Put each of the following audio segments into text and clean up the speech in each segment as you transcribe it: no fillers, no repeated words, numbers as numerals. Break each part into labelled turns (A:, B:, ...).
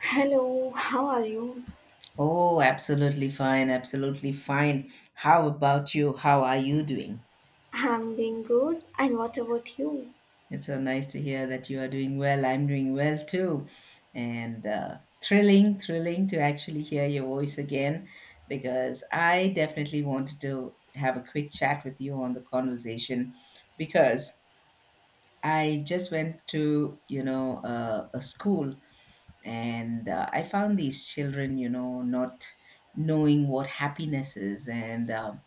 A: Hello, how are you?
B: Oh, absolutely fine, absolutely fine. How about you? How are you doing?
A: I'm doing good. And what about you?
B: It's so nice to hear that you are doing well. I'm doing well too. And thrilling to actually hear your voice again because I definitely wanted to have a quick chat with you on the conversation because I just went to, you know, a school and I found these children, you know, not knowing what happiness is and um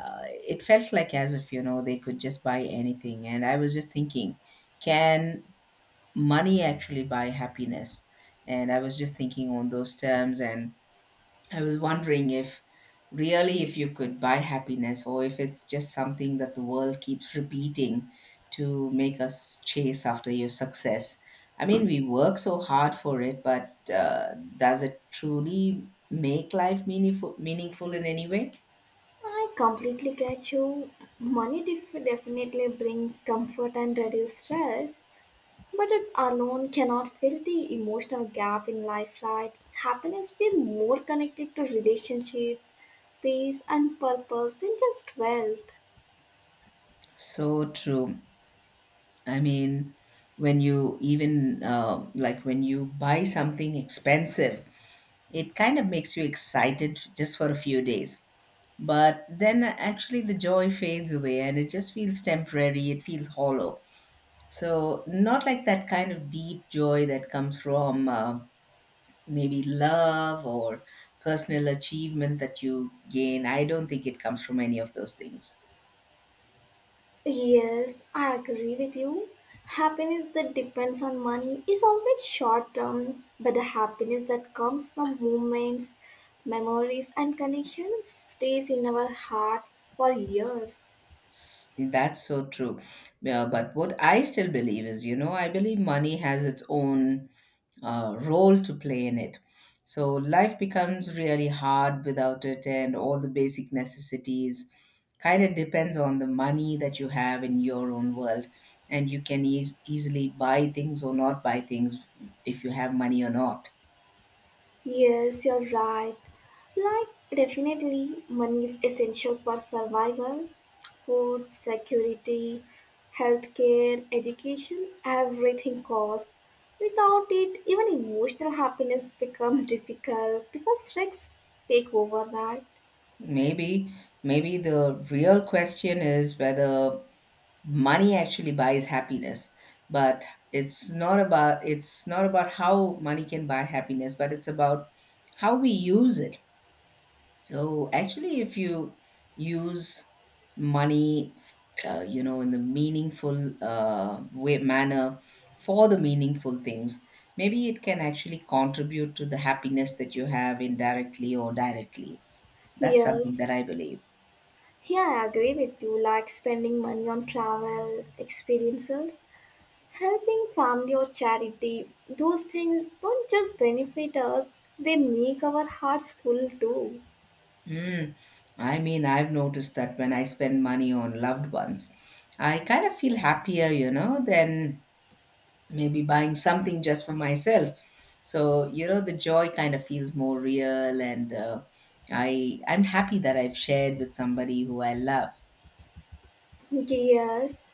B: uh, it felt like as if you know they could just buy anything, and I was just thinking, can money actually buy happiness? And I was just thinking on those terms, and I was wondering if, really, if you could buy happiness, or if it's just something that the world keeps repeating to make us chase after your success. I mean, we work so hard for it, but does it truly make life meaningful in any way?
A: I completely get you. Money definitely brings comfort and reduce stress, but it alone cannot fill the emotional gap in life, right? Happiness feels more connected to relationships, peace, and purpose than just wealth.
B: So true. I mean, when you even like when you buy something expensive, it kind of makes you excited just for a few days. But then actually the joy fades away and it just feels temporary, it feels hollow. So, not like that kind of deep joy that comes from maybe love or personal achievement that you gain. I don't think it comes from any of those things.
A: Yes, I agree with you. Happiness that depends on money is always short term, but the happiness that comes from moments, memories, and connections stays in our heart for years.
B: That's so true. Yeah, but what I still believe is, you know, I believe money has its own role to play in it. So life becomes really hard without it, and all the basic necessities kind of depends on the money that you have in your own world, and you can easily buy things or not buy things if you have money or not.
A: Yes, you're right. Like, definitely, money is essential for survival, food, security, healthcare, education, everything costs. Without it, even emotional happiness becomes difficult because stress take over, right?
B: Maybe, maybe the real question is whether money actually buys happiness, but it's not about, it's not about how money can buy happiness, but it's about how we use it. So actually, if you use money, you know, in the meaningful way, manner, for the meaningful things, maybe it can actually contribute to the happiness that you have, indirectly or directly. That's something that I
A: Yes.
B: believe.
A: Yeah, I agree with you. Like spending money on travel experiences helping family or charity, those things don't just benefit us, they make our hearts full too.
B: Mm. I mean, I've noticed that when I spend money on loved ones, I kind of feel happier, you know, than maybe buying something just for myself. So, you know, the joy kind of feels more real, and I'm happy that I've shared with somebody who I love.
A: Yes,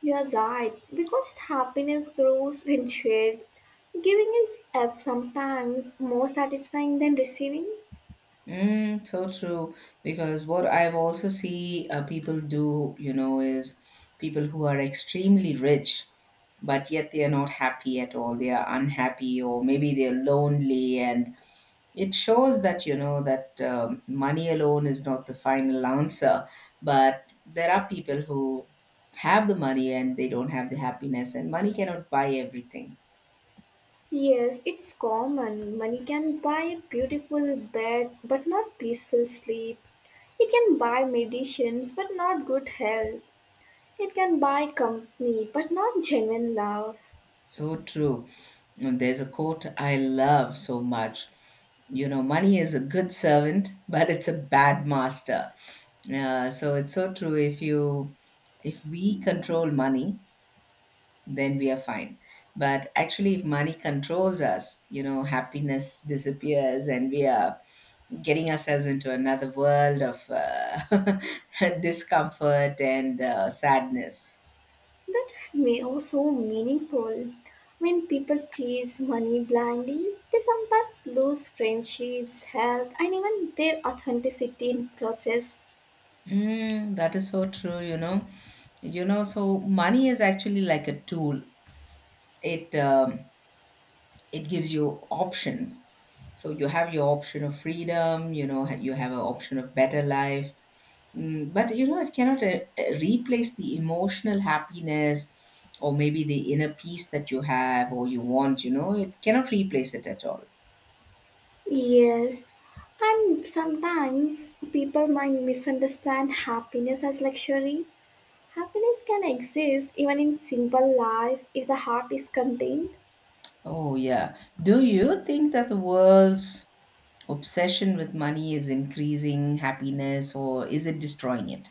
A: you are right, because happiness grows when shared. Giving is sometimes more satisfying than receiving.
B: Mm, so true. Because what I've also see people do, you know, is people who are extremely rich, but yet they are not happy at all. They are unhappy, or maybe they're lonely, and it shows that, you know, that money alone is not the final answer. But there are people who have the money and they don't have the happiness, and money cannot buy everything.
A: Yes, it's common. Money can buy a beautiful bed, but not peaceful sleep. It can buy medicines, but not good health. It can buy company, but not genuine love.
B: So true. And there's a quote I love so much. You know, money is a good servant, but it's a bad master. So it's so true. If you, if we control money, then we are fine. But actually, if money controls us, you know, happiness disappears, and we are getting ourselves into another world of discomfort and sadness.
A: That is me also meaningful. When people chase money blindly, they sometimes lose friendships, health, and even their authenticity in process.
B: Mm, that is so true, you know. You know, so money is actually like a tool. It um, it gives you options. So you have your option of freedom, you know, you have an option of better life. Mm, but you know, it cannot replace the emotional happiness or maybe the inner peace that you have or you want. You know, it cannot replace it at all.
A: Yes, and sometimes people might misunderstand happiness as luxury. Happiness can exist even in simple life if the heart is contained.
B: Oh yeah. Do you think that the world's obsession with money is increasing happiness, or is it destroying it?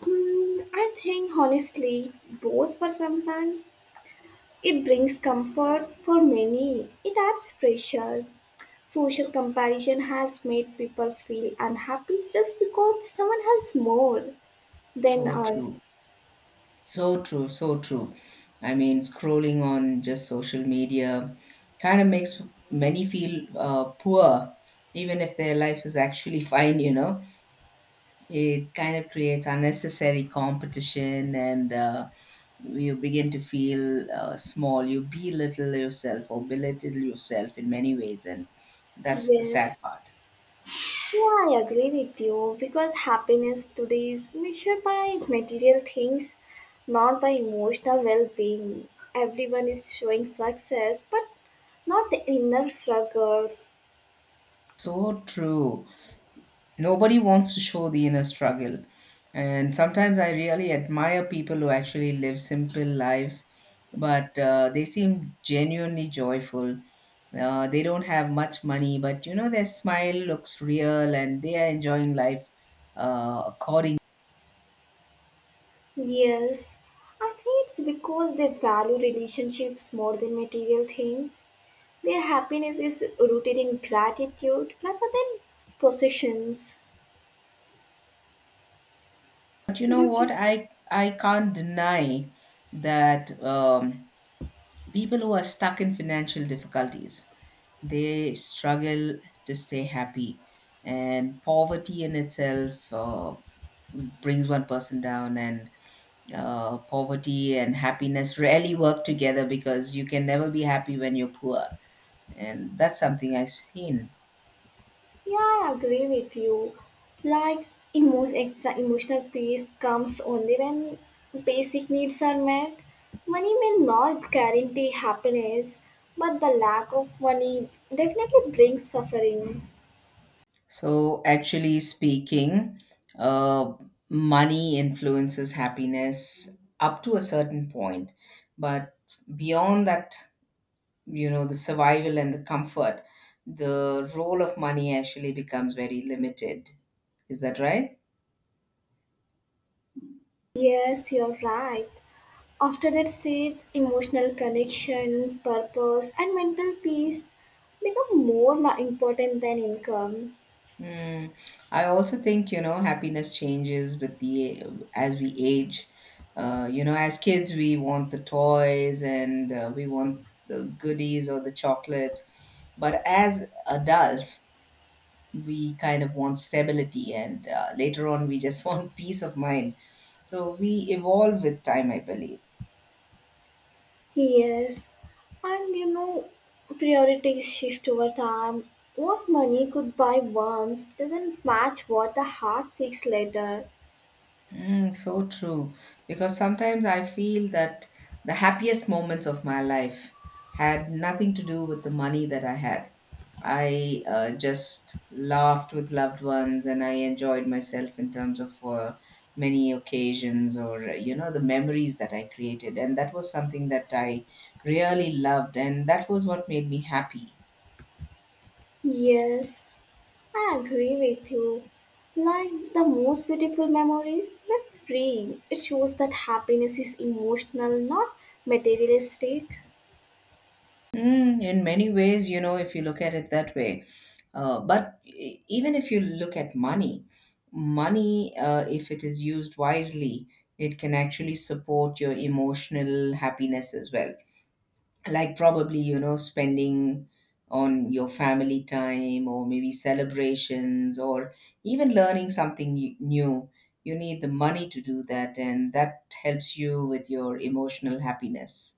A: Hmm, I think honestly, both for some time. It brings comfort for many. It adds pressure. Social comparison has made people feel unhappy just because someone has more than
B: So
A: us.
B: true. So true. So true. I mean, scrolling on just social media kind of makes many feel poor, even if their life is actually fine, you know. It kind of creates unnecessary competition, and you begin to feel small. You belittle yourself, or belittle yourself in many ways. And that's the
A: Yeah,
B: sad part.
A: yeah, I agree with you because happiness today is measured by material things, not by emotional well being. Everyone is showing success, but not the inner struggles.
B: So true. Nobody wants to show the inner struggle, and sometimes I really admire people who actually live simple lives, but they seem genuinely joyful. They don't have much money, but you know, their smile looks real and they are enjoying life according.
A: Yes, I think it's because they value relationships more than material things. Their happiness is rooted in gratitude rather than possessions.
B: But you know
A: You,
B: what,
A: d-
B: I can't deny that people who are stuck in financial difficulties, they struggle to stay happy. And poverty in itself, brings one person down. And poverty and happiness rarely work together, because you can never be happy when you're poor. And that's something I've seen.
A: yeah, I agree with you. Like emotional peace comes only when basic needs are met. Money may not guarantee happiness, but the lack of money definitely brings suffering.
B: So actually speaking, uh, money influences happiness up to a certain point, but beyond that, you know, the survival and the comfort, the role of money actually becomes very limited. Is that right?
A: Yes, you're right. After that stage, emotional connection, purpose, and mental peace become important than income.
B: Hmm. I also think, you know, happiness changes with the, as we age. You know, as kids we want the toys, and we want the goodies or the chocolates, but as adults we kind of want stability, and later on we just want peace of mind. So we evolve with time, I believe.
A: Yes, and you know, priorities shift over time. What money could buy once doesn't match what the heart seeks later.
B: Mm, so true. Because sometimes I feel that the happiest moments of my life had nothing to do with the money that I had. I just laughed with loved ones, and I enjoyed myself in terms of many occasions, or, you know, the memories that I created. And that was something that I really loved. And that was what made me happy.
A: Yes, I agree with you. Like the most beautiful memories were free. It shows that happiness is emotional, not materialistic.
B: Mm, in many ways, you know, if you look at it that way. But even if you look at money, money, if it is used wisely, it can actually support your emotional happiness as well. Like, probably, you know, spending on your family time, or maybe celebrations, or even learning something new. You need the money to do that, and that helps you with your emotional happiness.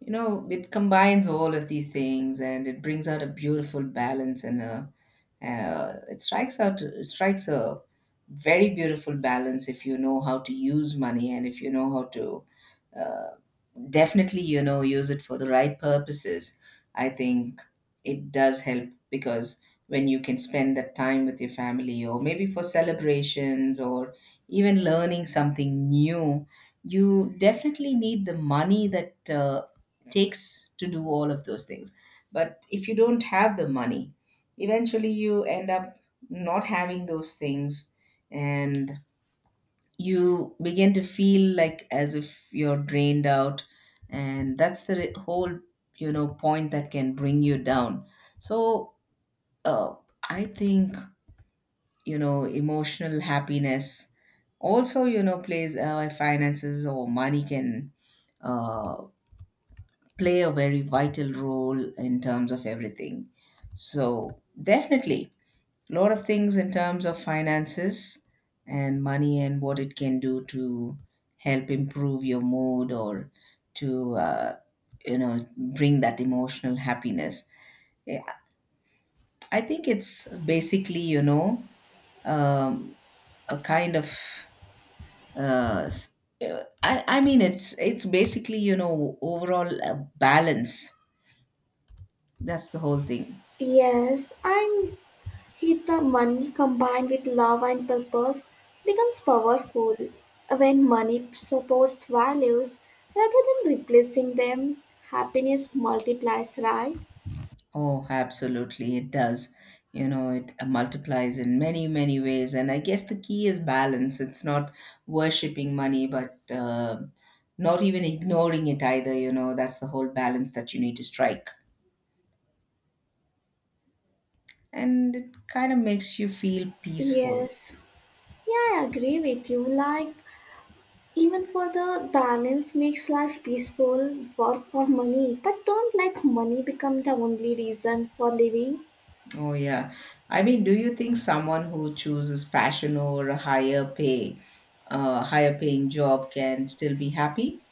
B: You know, it combines all of these things and it brings out a beautiful balance. And a, it strikes out it strikes a very beautiful balance if you know how to use money, and if you know how to uh, definitely, you know, use it for the right purposes. I think it does help, because when you can spend that time with your family, or maybe for celebrations, or even learning something new, you definitely need the money that takes to do all of those things. But if you don't have the money, eventually you end up not having those things, and you begin to feel like as if you're drained out. And that's the whole, you know, point that can bring you down. So, uh, I think, you know, emotional happiness, also, you know, plays, finances or money can, uh, play a very vital role in terms of everything. So definitely a lot of things in terms of finances and money, and what it can do to help improve your mood, or to you know, bring that emotional happiness. Yeah, I think it's basically, you know, um, a kind of I mean, it's basically, you know, overall a balance. That's the whole thing.
A: Yes, and hit the money combined with love and purpose becomes powerful when money supports values rather than replacing them. Happiness multiplies, right?
B: Oh, absolutely, it does. You know, it multiplies in many, many ways. And I guess the key is balance. It's not worshipping money, but not even ignoring it either. You know, that's the whole balance that you need to strike. And it kind of makes you feel peaceful.
A: Yes, yeah, I agree with you. Like, even for the balance makes life peaceful, work for money, but don't let money become the only reason for living.
B: Oh, yeah. I mean, do you think someone who chooses passion over a higher pay, higher paying job, can still be happy?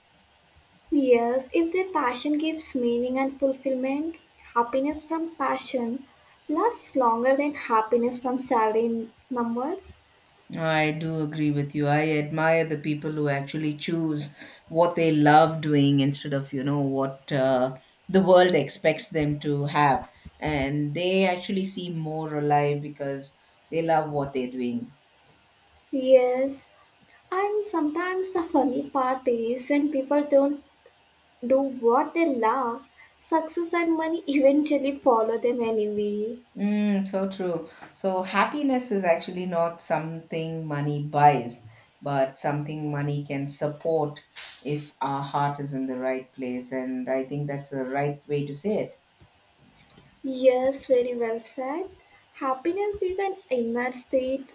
A: Yes, if their passion gives meaning and fulfillment, happiness from passion lasts longer than happiness from salary numbers.
B: I do agree with you. I admire the people who actually choose what they love doing instead of, you know, what the world expects them to have. And they actually seem more alive because they love what they're doing.
A: Yes, and sometimes the funny part is when people don't do what they love, success and money eventually follow them anyway.
B: Mm, so true. So happiness is actually not something money buys, but something money can support if our heart is in the right place. And I think that's the right way to say it.
A: Yes, very well said. Happiness is an inner state,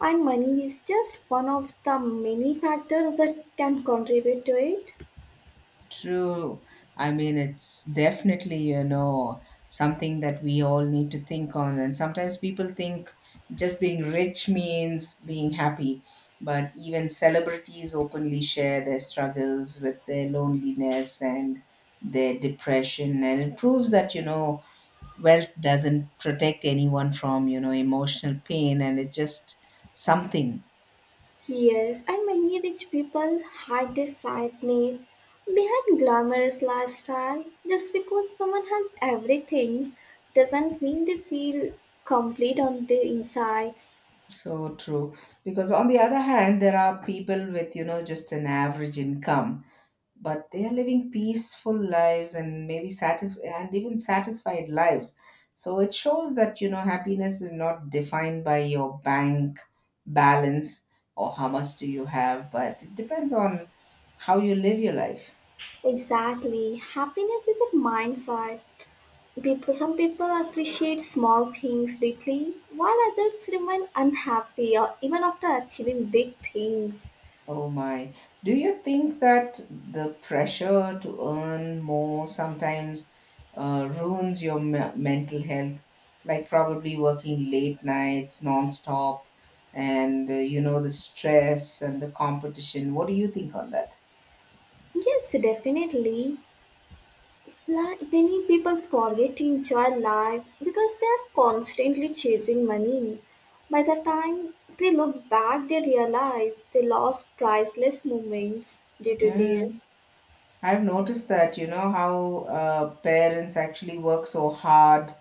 A: and money is just one of the many factors that can contribute to it.
B: True. I mean, it's definitely, you know, something that we all need to think on. And sometimes people think just being rich means being happy. But even celebrities openly share their struggles with their loneliness and their depression. And it proves that, you know, wealth doesn't protect anyone from, you know, emotional pain. And it's just something.
A: Yes, and many rich people hide their sadness behind glamorous lifestyle. Just because someone has everything doesn't mean they feel complete on the insides.
B: So true. Because on the other hand, there are people with, you know, just an average income, but they are living peaceful lives, and maybe satis and even satisfied lives. So it shows that, you know, happiness is not defined by your bank balance, or how much do you have, but it depends on how you live your life.
A: Exactly. Happiness is a mindset. People some people appreciate small things deeply while others remain unhappy or even after achieving big things.
B: Oh my. Do you think that the pressure to earn more sometimes ruins your mental health? Like, probably working late nights, nonstop, and the stress and the competition. What do you think on that?
A: Yes, definitely. Like many people forget to enjoy life because they are constantly chasing money. By the time they look back, they realize they lost priceless moments due to
B: Mm.
A: this.
B: I've noticed that, you know, how parents actually work so hard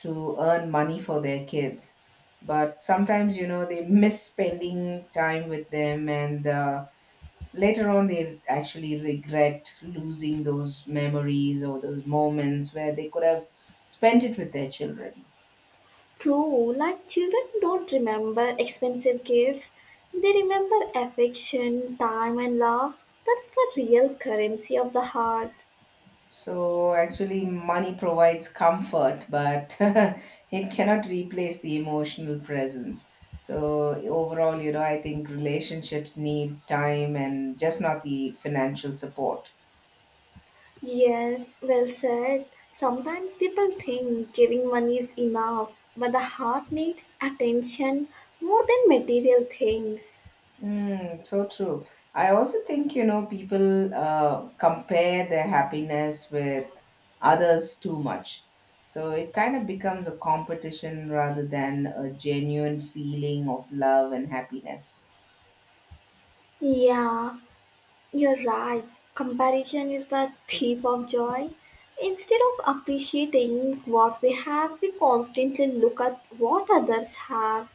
B: to earn money for their kids. But sometimes, you know, they miss spending time with them, and later on they actually regret losing those memories or those moments where they could have spent it with their children.
A: True, like children don't remember expensive gifts, they remember affection, time, and love. That's the real currency of the heart.
B: So actually money provides comfort, but it cannot replace the emotional presence. So overall, you know, I think relationships need time and just not the financial support.
A: Yes, well said. Sometimes people think giving money is enough, but the heart needs attention more than material things.
B: Mm, so true. I also think, you know, people compare their happiness with others too much. So it kind of becomes a competition rather than a genuine feeling of love and happiness.
A: Yeah, you're right. Comparison is the thief of joy. Instead of appreciating what we have, we constantly look at what others have.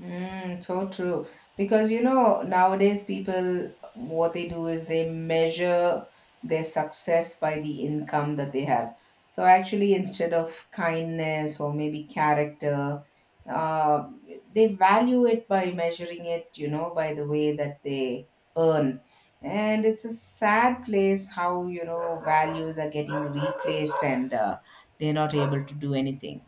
B: Mm, so true. Because, you know, nowadays people, what they do is they measure their success by the income that they have. So actually, instead of kindness or maybe character, uh, they value it by measuring it, you know, by the way that they earn. And it's a sad place how, you know, values are getting replaced, and they're not able to do anything.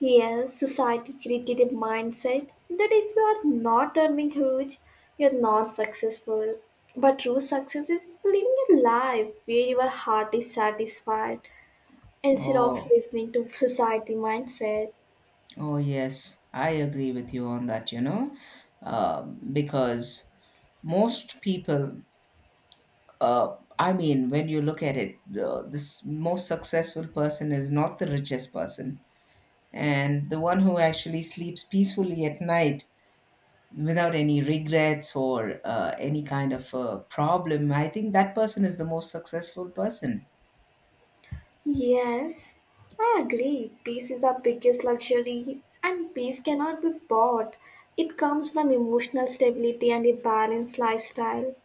A: Yes, society created a mindset that if you are not earning huge, you're not successful. But true success is living a life where your heart is satisfied instead of
B: Oh.
A: listening to society mindset.
B: Oh, yes, I agree with you on that, you know. Because most people, I mean, when you look at it, this most successful person is not the richest person. And the one who actually sleeps peacefully at night without any regrets or any kind of problem, I think that person is the most successful person.
A: Yes, I agree. Peace is our biggest luxury, and peace cannot be bought. It comes from emotional stability and a balanced lifestyle.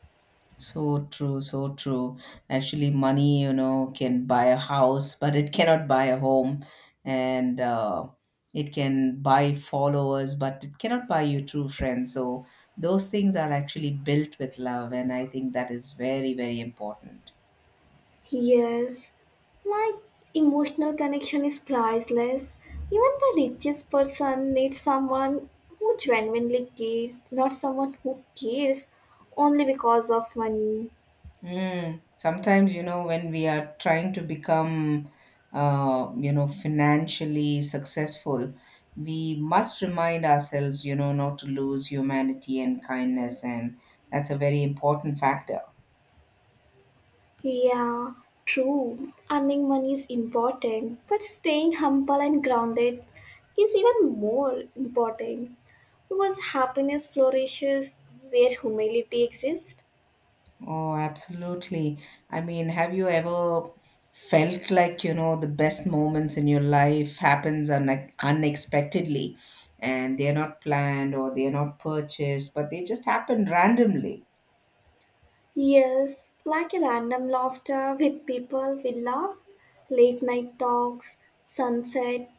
B: So true, so true. Actually, money, you know, can buy a house, but it cannot buy a home. And it can buy followers, but it cannot buy you true friends. So those things are actually built with love. And I think that is very, very important.
A: Yes, like emotional connection is priceless. Even the richest person needs someone who genuinely cares, not someone who cares only because of money.
B: Mm, sometimes, you know, when we are trying to become, you know, financially successful, we must remind ourselves, you know, not to lose humanity and kindness. And that's a very important factor.
A: Yeah, true. Earning money is important, but staying humble and grounded is even more important because happiness flourishes where humility exists.
B: Oh, absolutely. I mean, have you ever felt like, you know, the best moments in your life happens unexpectedly, and they're not planned or they're not purchased, but they just happen randomly?
A: Yes, like a random laughter with people we love, late night talks, sunset,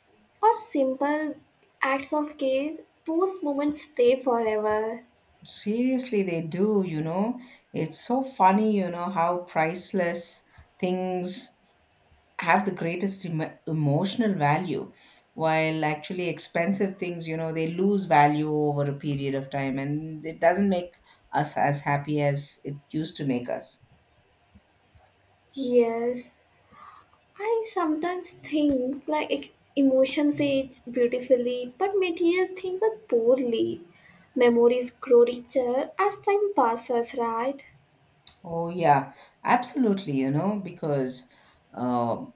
A: or simple acts of care, those moments stay forever.
B: Seriously, they do, you know. It's so funny, you know, how priceless things have the greatest emotional value, while actually expensive things, you know, they lose value over a period of time and it doesn't make us as happy as it used to make us.
A: Yes, I sometimes think like emotions age beautifully, but material things are poorly. Memories grow richer as time passes, right?
B: Oh, yeah, absolutely, you know, because. uh,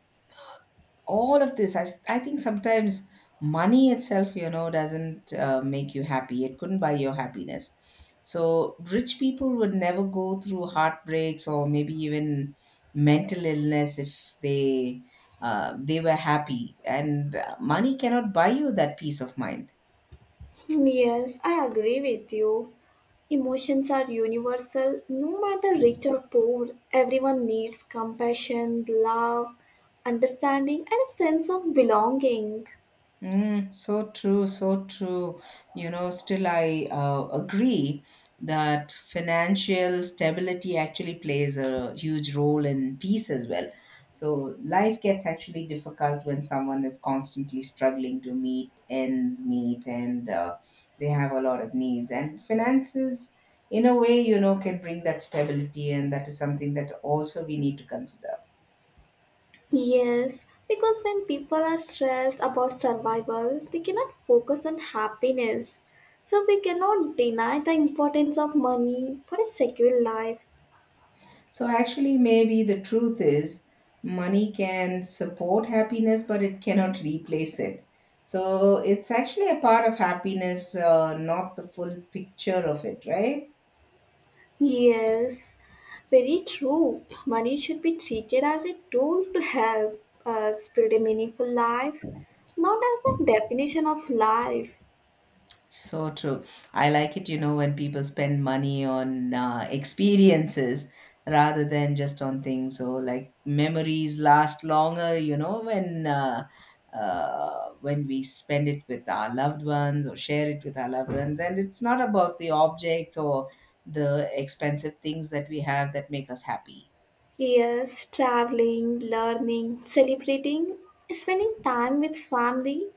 B: all of this I think sometimes money itself, you know, doesn't make you happy. It couldn't buy your happiness. So rich people would never go through heartbreaks or maybe even mental illness if they they were happy. And money cannot buy you that peace of mind.
A: Yes, I agree with you. Emotions are universal, no matter rich or poor. Everyone needs compassion, love, understanding, and a sense of belonging.
B: Mm, so true, so true. You know, still I agree that financial stability actually plays a huge role in peace as well. So life gets actually difficult when someone is constantly struggling to meet ends meet, and they have a lot of needs. And finances, in a way, you know, can bring that stability, and that is something that also we need to consider.
A: Yes, because when people are stressed about survival, they cannot focus on happiness. So we cannot deny the importance of money for a secure life.
B: So, actually, maybe the truth is money can support happiness, but it cannot replace it. So, it's actually a part of happiness, not the full picture of it, right?
A: Yes, very true. Money should be treated as a tool to help us build a meaningful life, not as a definition of life.
B: So true. I like it, you know, when people spend money on experiences rather than just on things. So, like memories last longer, you know, when we spend it with our loved ones or share it with our loved ones, and it's not about the object or the expensive things that we have that make us happy.
A: Yes, traveling, learning, celebrating, spending time with family,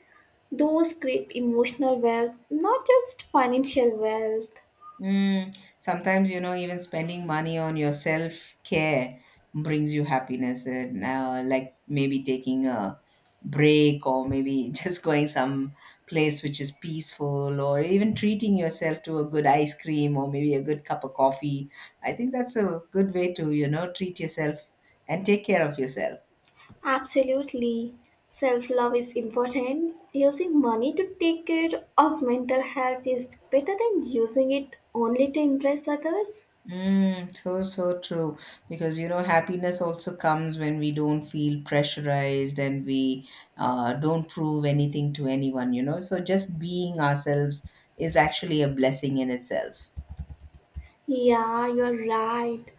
A: those create emotional wealth, not just financial wealth.
B: Mm, sometimes, you know, even spending money on your self care brings you happiness. And like maybe taking a break or maybe just going some place which is peaceful, or even treating yourself to a good ice cream or maybe a good cup of coffee. I think that's a good way to, you know, treat yourself and take care of yourself.
A: Absolutely. Self love is important. Using money to take care of mental health is better than using it only to impress others.
B: Mm, so, so true. Because, you know, happiness also comes when we don't feel pressurized and we don't prove anything to anyone, you know. So, just being ourselves is actually a blessing in itself.
A: Yeah, you're right.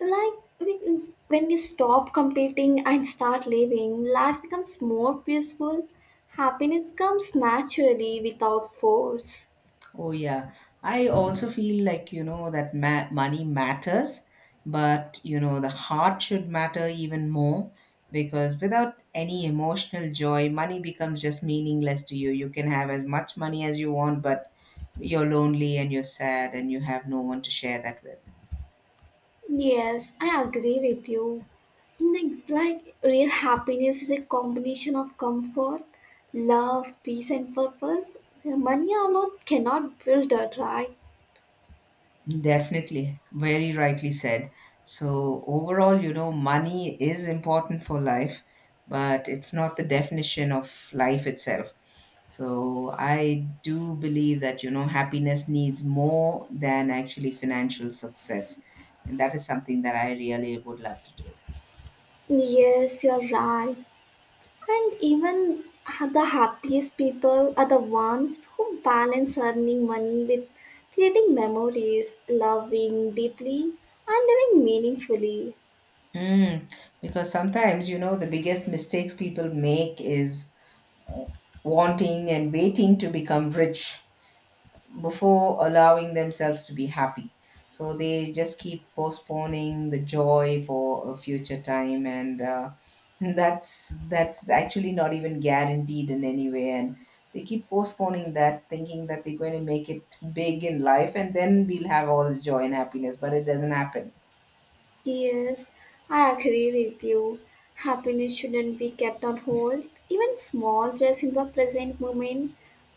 A: Like we, when we stop competing and start living, life becomes more peaceful. Happiness comes naturally without force.
B: Oh, yeah. I also feel like, you know, that money matters, but, you know, the heart should matter even more, because without any emotional joy, money becomes just meaningless to you. You can have as much money as you want, but you're lonely and you're sad and you have no one to share that with.
A: Yes, I agree with you. It's like real happiness is a combination of comfort, love, peace, and purpose. Money alone cannot build that, right?
B: Definitely, very rightly said. So, overall, you know, money is important for life, but it's not the definition of life itself. So, I do believe that, you know, happiness needs more than actually financial success. And that is something that I really would love to do.
A: Yes, you're right. And even the happiest people are the ones who balance earning money with creating memories, loving deeply, and living meaningfully.
B: Mm, because sometimes, you know, the biggest mistakes people make is wanting and waiting to become rich before allowing themselves to be happy. So they just keep postponing the joy for a future time, and that's actually not even guaranteed in any way. And they keep postponing that, thinking that they're going to make it big in life, and then we'll have all this joy and happiness. But it doesn't happen.
A: Yes, I agree with you. Happiness shouldn't be kept on hold. Even small joys in the present moment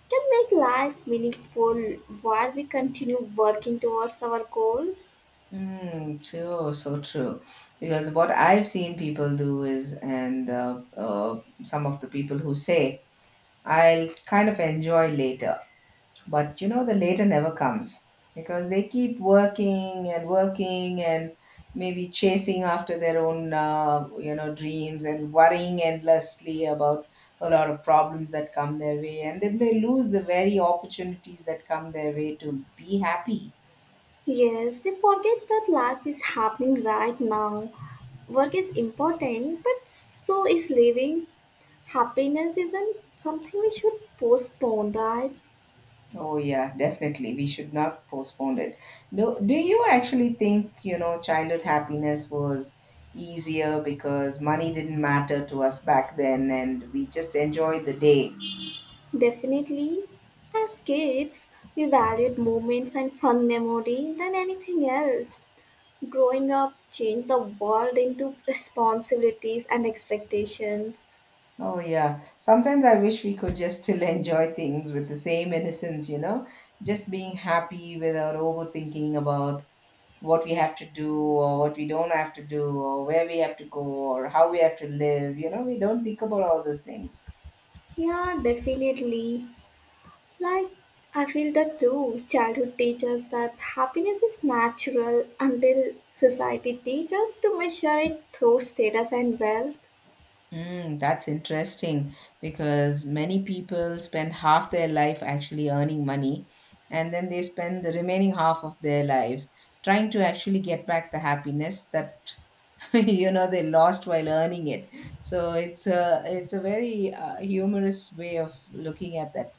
A: can make life meaningful while we continue working towards our goals.
B: Mm, true, so true. Because what I've seen people do is, and some of the people who say, I'll kind of enjoy later. But you know, the later never comes because they keep working and working, and maybe chasing after their own, you know, dreams, and worrying endlessly about a lot of problems that come their way. And then they lose the very opportunities that come their way to be happy.
A: Yes, they forget that life is happening right now. Work is important, but so is living. Happiness isn't something we should postpone, right?
B: Oh yeah, definitely. We should not postpone it. Do you actually think, you know, childhood happiness was easier because money didn't matter to us back then and we just enjoyed the day?
A: Definitely, as kids, we valued moments and fun memory than anything else. Growing up changed the world into responsibilities and expectations.
B: Oh, yeah. Sometimes I wish we could just still enjoy things with the same innocence, you know, just being happy without overthinking about what we have to do or what we don't have to do or where we have to go or how we have to live. You know, we don't think about all those things.
A: Yeah, definitely. Like, I feel that too. Childhood teaches that happiness is natural until society teaches to measure it through status and wealth.
B: Mm, that's interesting, because many people spend half their life actually earning money, and then they spend the remaining half of their lives trying to actually get back the happiness that you know they lost while earning it. So it's a very humorous way of looking at that.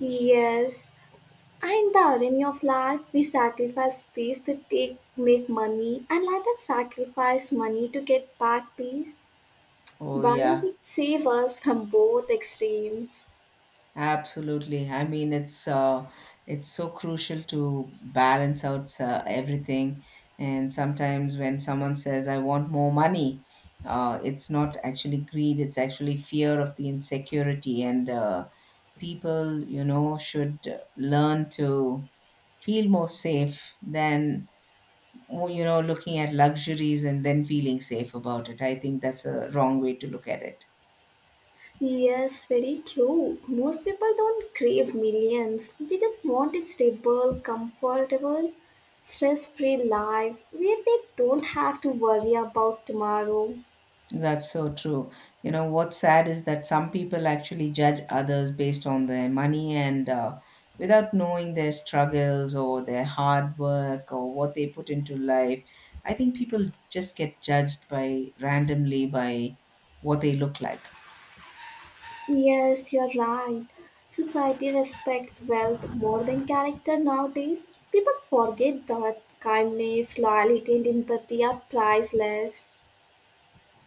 A: Yes, and the irony of life, we sacrifice peace to take, make money, and later sacrifice money to get back peace.
B: Oh
A: Balance
B: yeah,
A: would save us from both extremes.
B: absolutely. I mean, it's so crucial to balance out everything. And sometimes when someone says I want more money, it's not actually greed, it's actually fear of the insecurity. And people, you know, should learn to feel more safe than oh, you know, looking at luxuries and then feeling safe about it. I think that's a wrong way to look at it.
A: Yes, very true. Most people don't crave millions, they just want a stable, comfortable, stress free life where they don't have to worry about tomorrow.
B: That's so true. You know, what's sad is that some people actually judge others based on their money, and without knowing their struggles or their hard work or what they put into life. I think people just get judged by randomly by what they look like.
A: Yes, you're right. Society respects wealth more than character nowadays. People forget that kindness, loyalty, and empathy are priceless.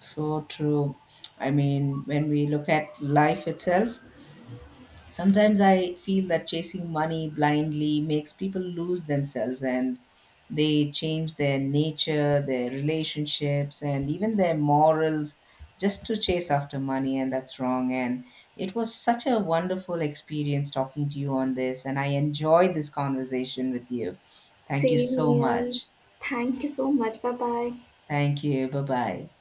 B: So true. I mean, when we look at life itself, sometimes I feel that chasing money blindly makes people lose themselves, and they change their nature, their relationships, and even their morals just to chase after money, and that's wrong. And it was such a wonderful experience talking to you on this, and I enjoyed this conversation with you. Thank you
A: Same
B: so
A: here.
B: much.
A: Thank you so much. Bye bye.
B: Thank you. Bye bye.